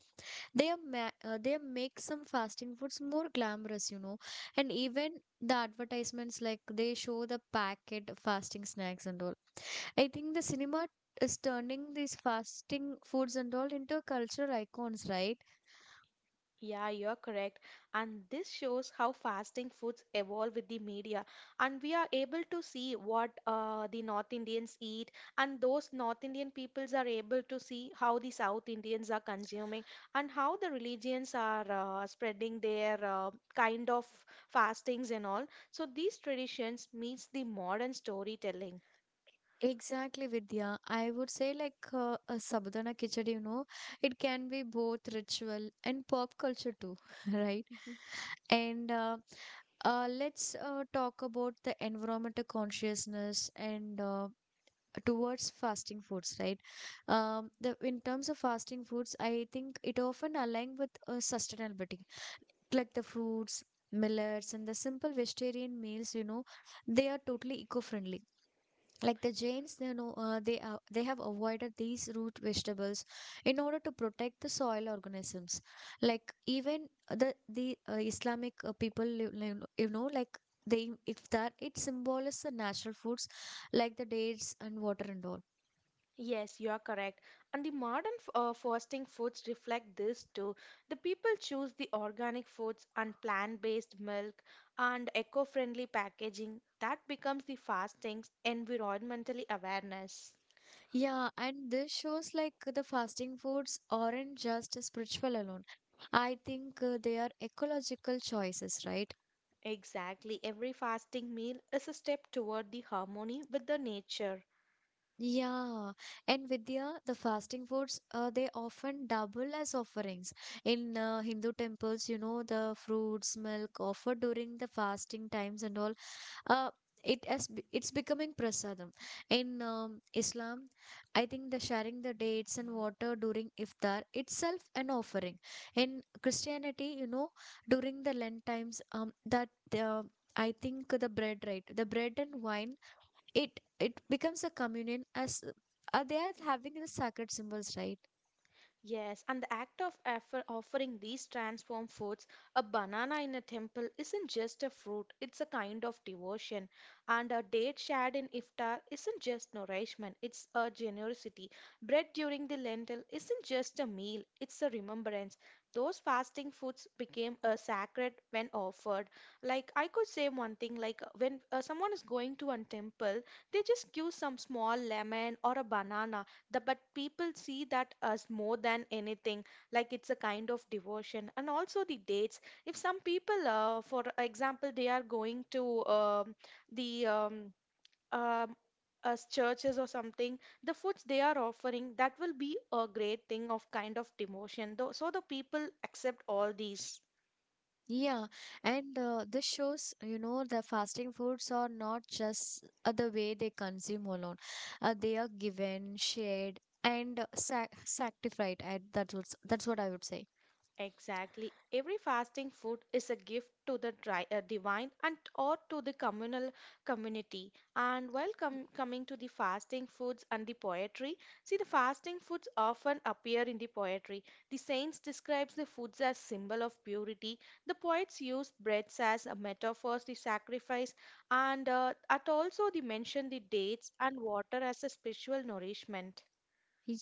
they are they make some fasting foods more glamorous, you know, and even the advertisements like they show the packet fasting snacks and all. I think the cinema is turning these fasting foods and all into cultural icons, right? Yeah, you're correct. And this shows how fasting foods evolve with the media. And we are able to see what the North Indians eat, and those North Indian peoples are able to see how the South Indians are consuming and how the religions are spreading their kind of fastings and all. So these traditions meets the modern storytelling. Exactly, Vidya, I would say, like a sabudana kichadi, you know, it can be both ritual and pop culture too. Right? Mm-hmm. And let's talk about the environmental consciousness and towards fasting foods, right? Um the in terms of fasting foods, I think it often align with sustainability, like the fruits, millets, and the simple vegetarian meals, you know, they are totally eco-friendly. Like the Jains, you know, they have avoided these root vegetables in order to protect the soil organisms. Like even the Islamic people you know, like they if that it symbolizes the natural foods, like the dates and water and all. Yes, you are correct. And the modern fasting foods reflect this too. The people choose the organic foods and plant-based milk and eco-friendly packaging. That becomes the fasting's environmentally awareness. Yeah, and this shows like the fasting foods aren't just spiritual alone. I think they are ecological choices, right? Exactly. Every fasting meal is a step toward the harmony with the nature. Yeah, and Vidya, the fasting foods, they often double as offerings. In Hindu temples, you know, the fruits, milk offered during the fasting times and all, uh it has it's becoming prasadam. In Islam, I think the sharing the dates and water during iftar itself an offering. In Christianity, you know, during the lent times, that uh, I think the bread, right? The bread and wine, it it becomes a communion, as they are having the sacred symbols, right? Yes, and the act of offering these transformed foods, a banana in a temple, isn't just a fruit, it's a kind of devotion. And a date shared in iftar isn't just nourishment, it's a generosity. Bread during the lentil isn't just a meal, it's a remembrance. Those fasting foods became a sacred when offered. Like I could say one thing, like when someone is going to a temple, they just give some small lemon or a banana, but people see that as more than anything, like it's a kind of devotion. And also the dates. If some people, for example, they are going to the um, as churches or something, the foods they are offering, that will be a great thing of kind of devotion. Though, so the people accept all these. Yeah, and this shows, you know, the fasting foods are not just the way they consume alone. They are given, shared, and sac sanctified. That's what I would say. Exactly. Every fasting food is a gift to the divine and or to the communal community. And while coming to the fasting foods and the poetry, see, the fasting foods often appear in the poetry. The saints describes the foods as symbol of purity. The poets use breads as a metaphor the sacrifice, and at also they mention the dates and water as a spiritual nourishment.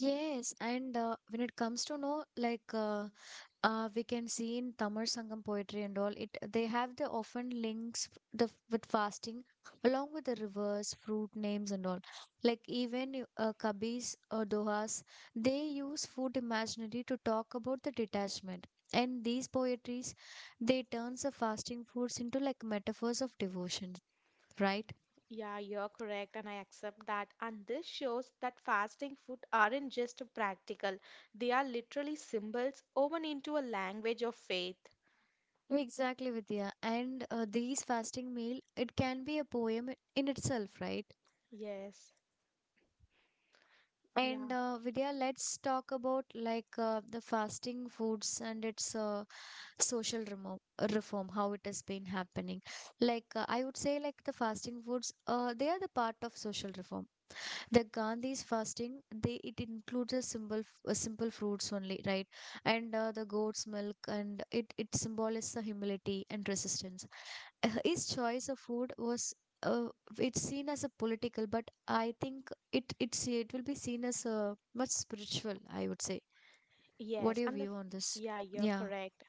Yes, and when it comes to know, like we can see in Tamil Sangam poetry and all, it they have the often links with fasting along with the rivers, fruit names and all. Like even Kabis or Dohas, they use food imaginary to talk about the detachment. And these poetries, they turns the fasting foods into like metaphors of devotion, right? Yeah, you're correct, and I accept that. And this shows that fasting food aren't just practical, they are literally symbols woven into a language of faith. Exactly, Vidya. And these fasting meal, it can be a poem in itself, right? Yes, And yeah, Vidya, let's talk about like the fasting foods and its social remo- reform, how it has been happening. Like I would say, like the fasting foods, they are the part of social reform. The Gandhi's fasting, they it includes a simple, simple fruits only, right? And the goat's milk, and it symbolizes the humility and resistance. His choice of food was uh, it's seen as a political, but I think it will be seen as a much spiritual, I would say. What yes, are your and the view on this? yeah, you're Yeah, correct.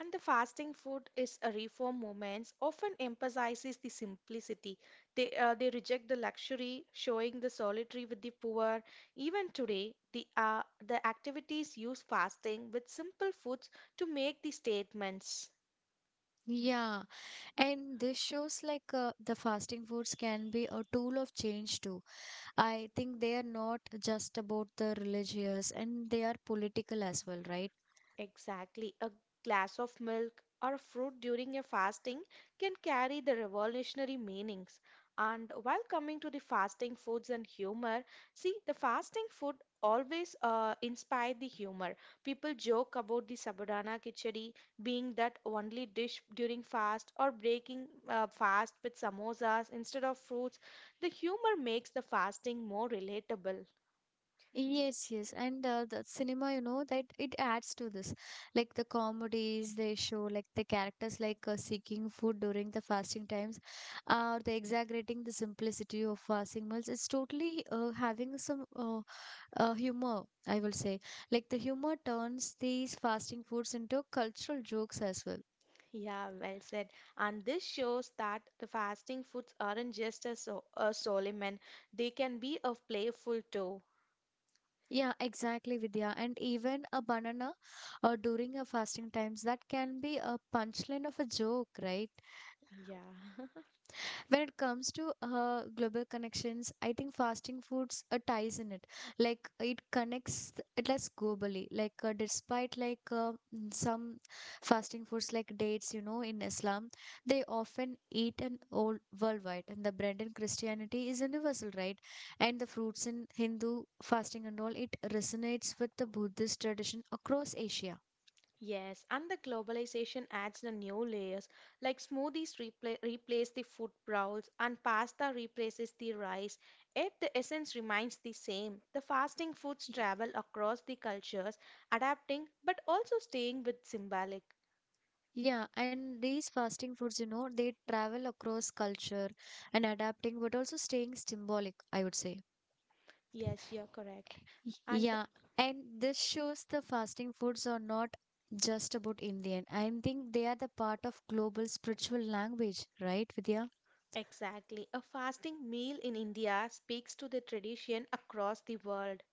And the fasting food is a reform movement often emphasizes the simplicity. They reject the luxury, showing the solitary with the poor. Even today, the the activities use fasting with simple foods to make the statements. yeah, and this shows like the fasting foods can be a tool of change too. I think they are not just about the religious and they are political as well, right? Exactly. A glass of milk or fruit during a fasting can carry the revolutionary meanings. And while coming to the fasting foods and humor, see, the fasting food always inspire the humor. People joke about the sabudana khichdi being that only dish during fast or breaking fast with samosas instead of fruits. The humor makes the fasting more relatable. Yes, yes, and the cinema, you know, that it adds to this. Like the comedies they show, like the characters like seeking food during the fasting times, or they exaggerating the simplicity of fasting meals. It's totally having some humor, I will say. Like the humor turns these fasting foods into cultural jokes as well. Yeah, well said. And this shows that the fasting foods aren't just a, so a solemn, and they can be a playful too. Yeah, exactly, Vidya. And even a banana during a fasting times, that can be a punchline of a joke, right? Yeah. When it comes to global connections, I think fasting foods ties in it. Like it connects it less globally. Like some fasting foods like dates, you know, in Islam, they often eat and all worldwide. And the bread in Christianity is universal, right? And the fruits in Hindu fasting and all it resonates with the Buddhist tradition across Asia. Yes, and the globalization adds the new layers, like smoothies replace the food bowls and pasta replaces the rice, yet the essence remains the same. The fasting foods travel across the cultures, adapting but also staying with symbolic. Yeah, and these fasting foods, you know, they travel across culture and adapting, but also staying symbolic, I would say. Yes, you're correct. And Yeah, and this shows the fasting foods are not just about Indian. I think they are the part of global spiritual language, right, Vidya? exactly. A fasting meal in India speaks to the tradition across the world.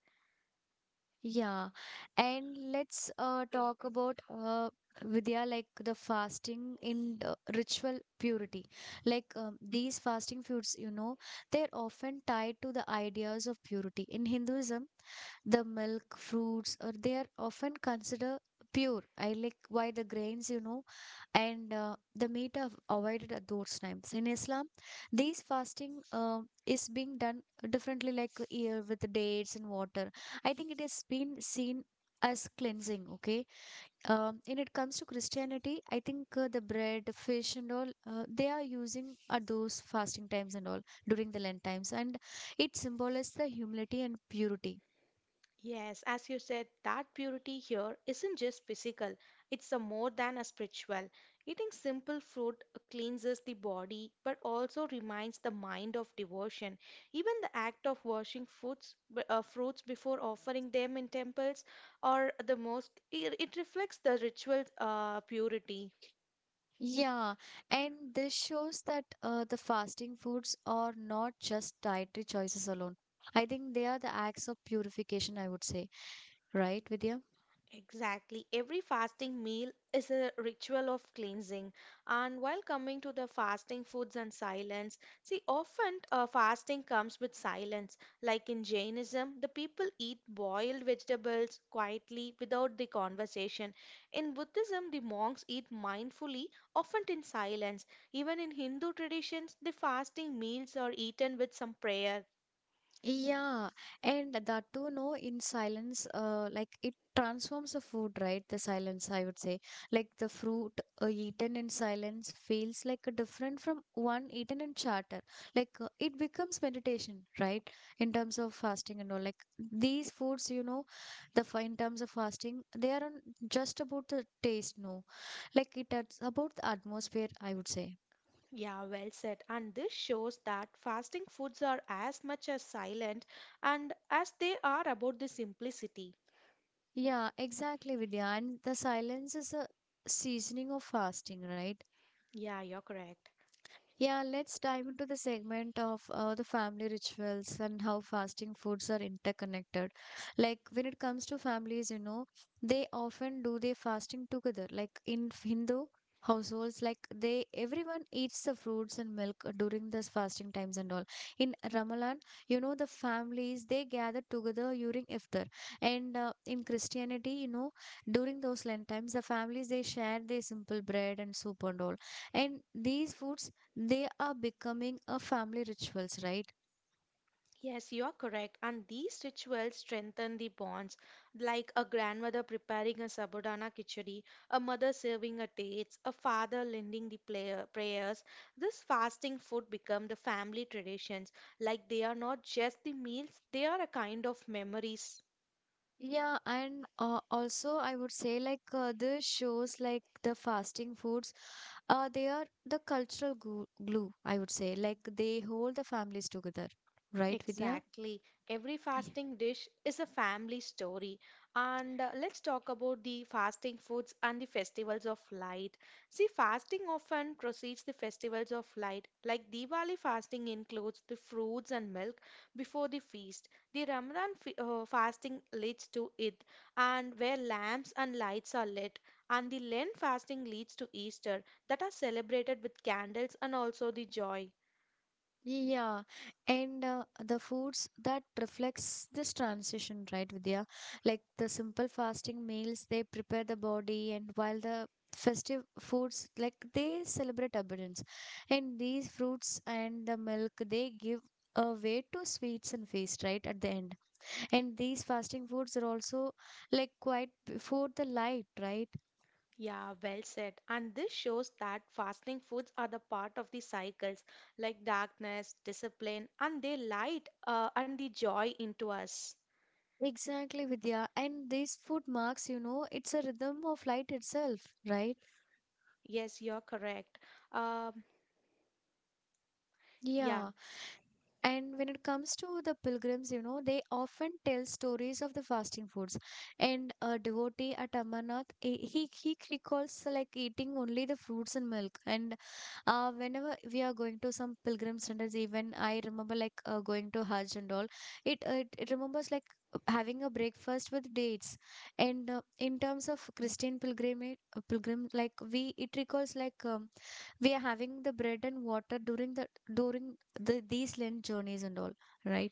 Yeah, and let's talk about Vidya, like the fasting in ritual purity. Like these fasting foods, you know, they're often tied to the ideas of purity. In Hinduism, the milk, fruits, or they are often considered pure. I like why the grains, you know, and the meat are avoided at those times. In Islam, these fasting is being done differently, like here with dates and water. I think it has been seen as cleansing, okay? When it comes to Christianity, I think the bread, the fish, and all they are using at those fasting times and all during the Lent times, and it symbolizes the humility and purity. Yes, as you said, that purity here isn't just physical, it's a more than a spiritual. Eating simple food cleanses the body but also reminds the mind of devotion. Even the act of washing fruits, fruits before offering them in temples or the mosque, it reflects the ritual purity. Yeah, and this shows that the fasting foods are not just dietary choices alone. I think they are the acts of purification, I would say, right, Vidya? Exactly. Every fasting meal is a ritual of cleansing. And while coming to the fasting foods and silence, see, often fasting comes with silence. Like in Jainism, the people eat boiled vegetables quietly without the conversation. In Buddhism, the monks eat mindfully, often in silence. Even in Hindu traditions, the fasting meals are eaten with some prayer. Yeah, and that too, no, in silence, like it transforms the food, right? The silence, I would say. Like the fruit eaten in silence feels like a different from one eaten in chatter. Like it becomes meditation, right? In terms of fasting and all. Like these foods, you know, in terms of fasting, they aren't just about the taste, no. Like it's about the atmosphere, I would say. Yeah, well said. And this shows that fasting foods are as much as silent and as they are about the simplicity. Yeah, exactly, Vidya. And the silence is a seasoning of fasting, right? Yeah, you're correct. Yeah, let's dive into the segment of the family rituals and how fasting foods are interconnected. Like when it comes to families, you know, they often do their fasting together. Like in Hindu households, like they everyone eats the fruits and milk during this fasting times and all. In Ramadan, you know, the families they gather together during iftar, and in Christianity, you know, during those Lent times, the families they share their simple bread and soup and all, and these foods they are becoming a family rituals, right? Yes, you're correct. And these rituals strengthen the bonds, like a grandmother preparing a sabudana khichdi, a mother serving a dates, a father lending the player, prayers. This fasting food become the family traditions, like they are not just the meals, they are a kind of memories. Yeah, and also I would say like the shows like the fasting foods they are the cultural glue, I would say, like they hold the families together, right, Vidya? Exactly. Every Yeah. fasting dish is a family story. And let's talk about the fasting foods and the festivals of light. See, fasting often precedes the festivals of light. Like Diwali fasting includes the fruits and milk before the feast. The Ramadan f fasting leads to Eid, and where lamps and lights are lit. And the Lent fasting leads to Easter, that are celebrated with candles and also the joy. Yeah, and the foods that reflects this transition, right, Vidya? Like the simple fasting meals, they prepare the body, and while the festive foods, like they celebrate abundance. And these fruits and the milk, they give a way to sweets and feast, right, at the end. And these fasting foods are also like quite before the light, right? Yeah, well said. And this shows that fasting foods are the part of the cycles like darkness, discipline, and they light and the joy into us. Exactly, Vidya. And this food marks, you know, it's a rhythm of light itself, right? Yes, you're correct. Um, yeah, Yeah. And when it comes to the pilgrims, you know, they often tell stories of the fasting foods. And a devotee at Amarnath, he recalls like eating only the fruits and milk. And whenever we are going to some pilgrim centers, even I remember like going to Hajj and all, it remembers like having a breakfast with dates. And in terms of Christian pilgrimage, pilgrim, like we, it recalls like. We are having the bread and water during these Lent journeys and all, right?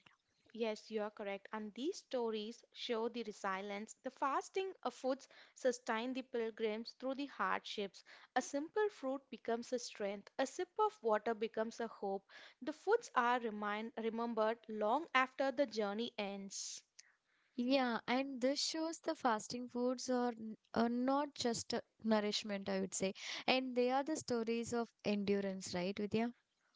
yes, you're correct. And these stories show the resilience. The fasting of foods sustain the pilgrims through the hardships. A simple fruit becomes a strength, a sip of water becomes a hope. The foods are remind remembered long after the journey ends. Yeah, and this shows the fasting foods are are not just a nourishment, I would say, and they are the stories of endurance, right, Vidya?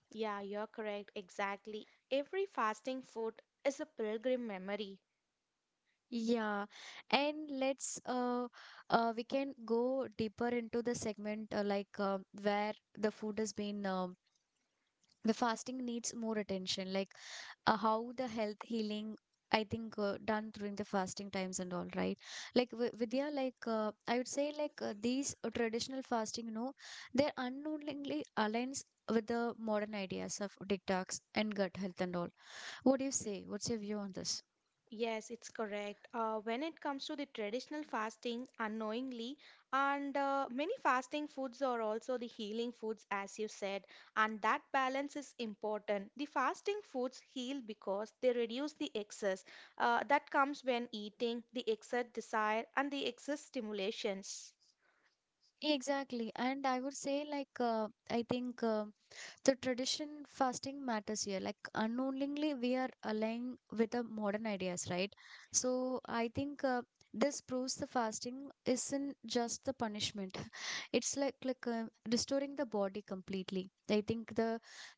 Yeah, you're correct. Exactly. Every fasting food is a pilgrim memory. Yeah, and let's we can go deeper into the segment like where the food has been the fasting needs more attention like how the health healing I think done during the fasting times and all, right? Like Vidya, like I would say like these traditional fasting, you know, they unknowingly aligns with the modern ideas of detox and gut health and all. What do you say? What's your view on this? Yes, it's correct. When it comes to the traditional fasting, unknowingly, and many fasting foods are also the healing foods, as you said, and that balance is important. The fasting foods heal because they reduce the excess that comes when eating, the excess desire, and the excess stimulations. Exactly, and I would say like I think the tradition fasting matters here, like unknowingly we are aligning with the modern ideas, right? So I think this proves the fasting isn't just the punishment it's like restoring the body completely. I think the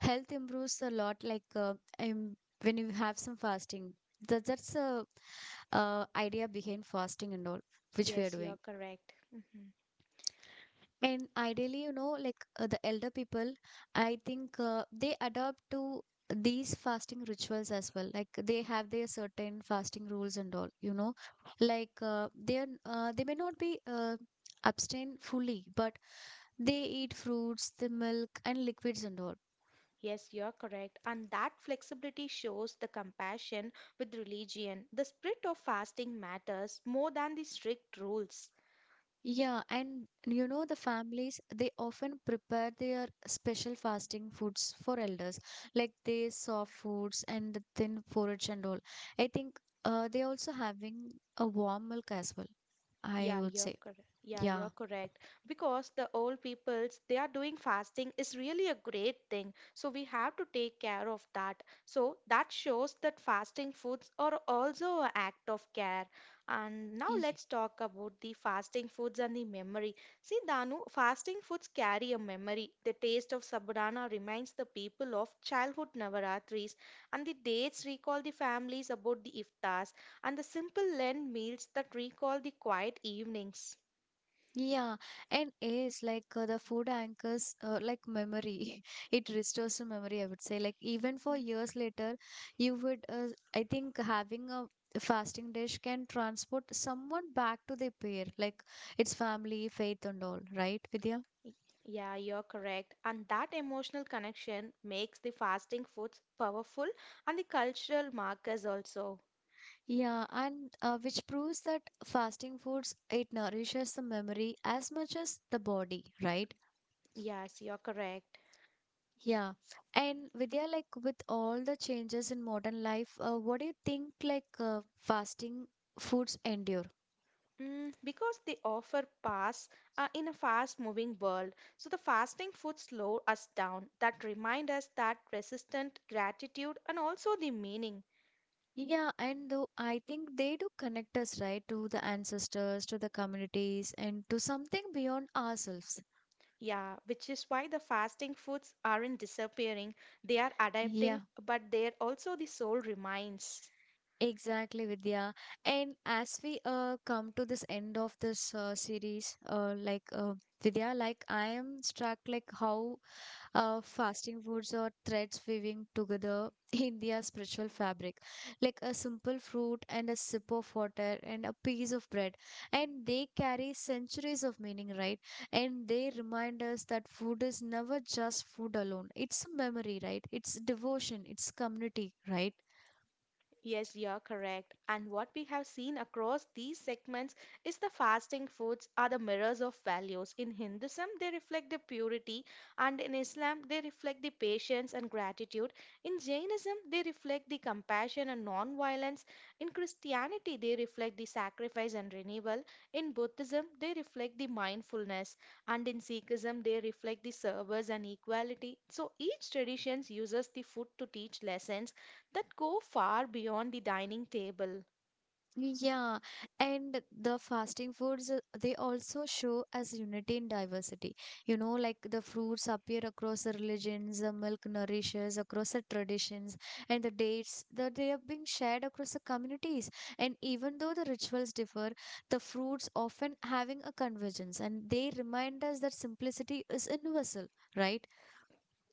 health improves a lot like um, when you have some fasting that's a idea behind fasting and all, which we are Yes, doing. you're correct. Mhm. And ideally, you know, like the elder people, I think they adopt to these fasting rituals as well. Like they have their certain fasting rules and all, you know, like they may not be abstain fully, but they eat fruits, the milk and liquids and all. Yes, you're correct. And that flexibility shows the compassion with religion. The spirit of fasting matters more than the strict rules. Yeah, and you know, the families they often prepare their special fasting foods for elders, like they soft foods and the thin porridge and all. I think they also having a warm milk as well, I Yeah, would you're say. correct. Yeah, Yeah. you're correct. Because the old peoples, they are doing fasting is really a great thing. So we have to take care of that. So that shows that fasting foods are also an act of care. And now let's talk about the fasting foods and the memory. See, Danu, fasting foods carry a memory. The taste of sabudana reminds the people of childhood Navaratris, and the dates recall the families about the iftar and the simple Lent meals that recall the quiet evenings. Yeah, and is like the food anchors like memory. It restores to memory, I would say. Like even for Mm. years later, you would I think having a fasting dish can transport someone back to their pair, like its family, faith, and all, right, Vidya? Y- Yeah, you're correct. And that emotional connection makes the fasting foods powerful and the cultural markers also. Yeah, and which proves that fasting foods it nourishes the memory as much as the body, right? Yes, you're correct. Yeah. And Vidya, like with all the changes in modern life, what do you think like fasting foods endure? Mm, because they offer pass in a fast-moving world. So the fasting food slow us down, that remind us that resistant gratitude and also the meaning. Yeah, and though I think they do connect us, right, to the ancestors, to the communities, and to something beyond ourselves. Yeah, which is why the fasting foods aren't disappearing, they are adapting, Yeah, but they're also the soul remains. exactly, Vidya. And as we come to this end of this series, like Vidya, like I am struck like how fasting foods or threads weaving together India's spiritual fabric, like a simple fruit and a sip of water and a piece of bread. And they carry centuries of meaning, right? And they remind us that food is never just food alone. It's a memory, right? It's devotion, it's community, right? Yes, you're correct. And what we have seen across these segments is the fasting foods are the mirrors of values. In Hinduism, they reflect the purity, and in Islam, they reflect the patience and gratitude. In Jainism, they reflect the compassion and non violence. In Christianity, they reflect the sacrifice and renewal. In Buddhism, they reflect the mindfulness. And in Sikhism, they reflect the service and equality. So each tradition uses the food to teach lessons that go far beyond the dining table. Yeah, and the fasting foods, they also show as unity in diversity. You know, like the fruits appear across the religions, the milk nourishes across the traditions, and the dates that they have been shared across the communities. And even though the rituals differ, the fruits often having a convergence, and they remind us that simplicity is universal, right?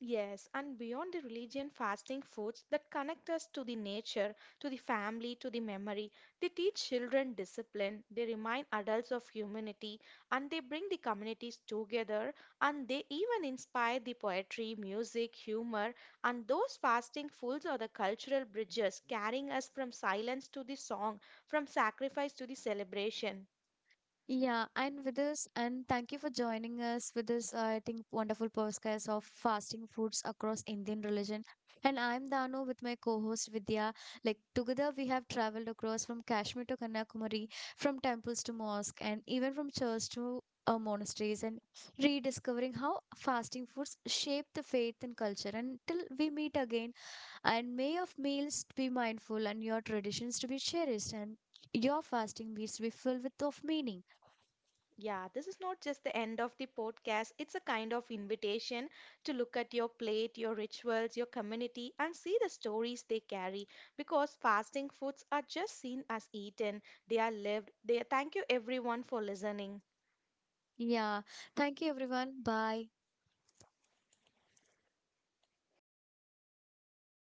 Yes, and beyond the religion, fasting foods that connect us to the nature, to the family, to the memory. They teach children discipline, they remind adults of humanity, and they bring the communities together, and they even inspire the poetry, music, humor. And those fasting foods are the cultural bridges carrying us from silence to the song, from sacrifice to the celebration. Yeah, and with this, and thank you for joining us with this, I think, wonderful podcast of fasting foods across Indian religion. And I'm Danu with my co-host Vidya. Like together, we have traveled across from Kashmir to Kanyakumari, from temples to mosque, and even from church to monasteries, and rediscovering how fasting foods shape the faith and culture. And till we meet again, and may of meals be mindful and your traditions to be cherished and your fasting meals to be filled with of meaning. Yeah, this is not just the end of the podcast. It's a kind of invitation to look at your plate, your rituals, your community, and see the stories they carry. Because fasting foods are just seen as eaten, they are lived. They thank you everyone for listening. Yeah. Thank you, everyone. Bye.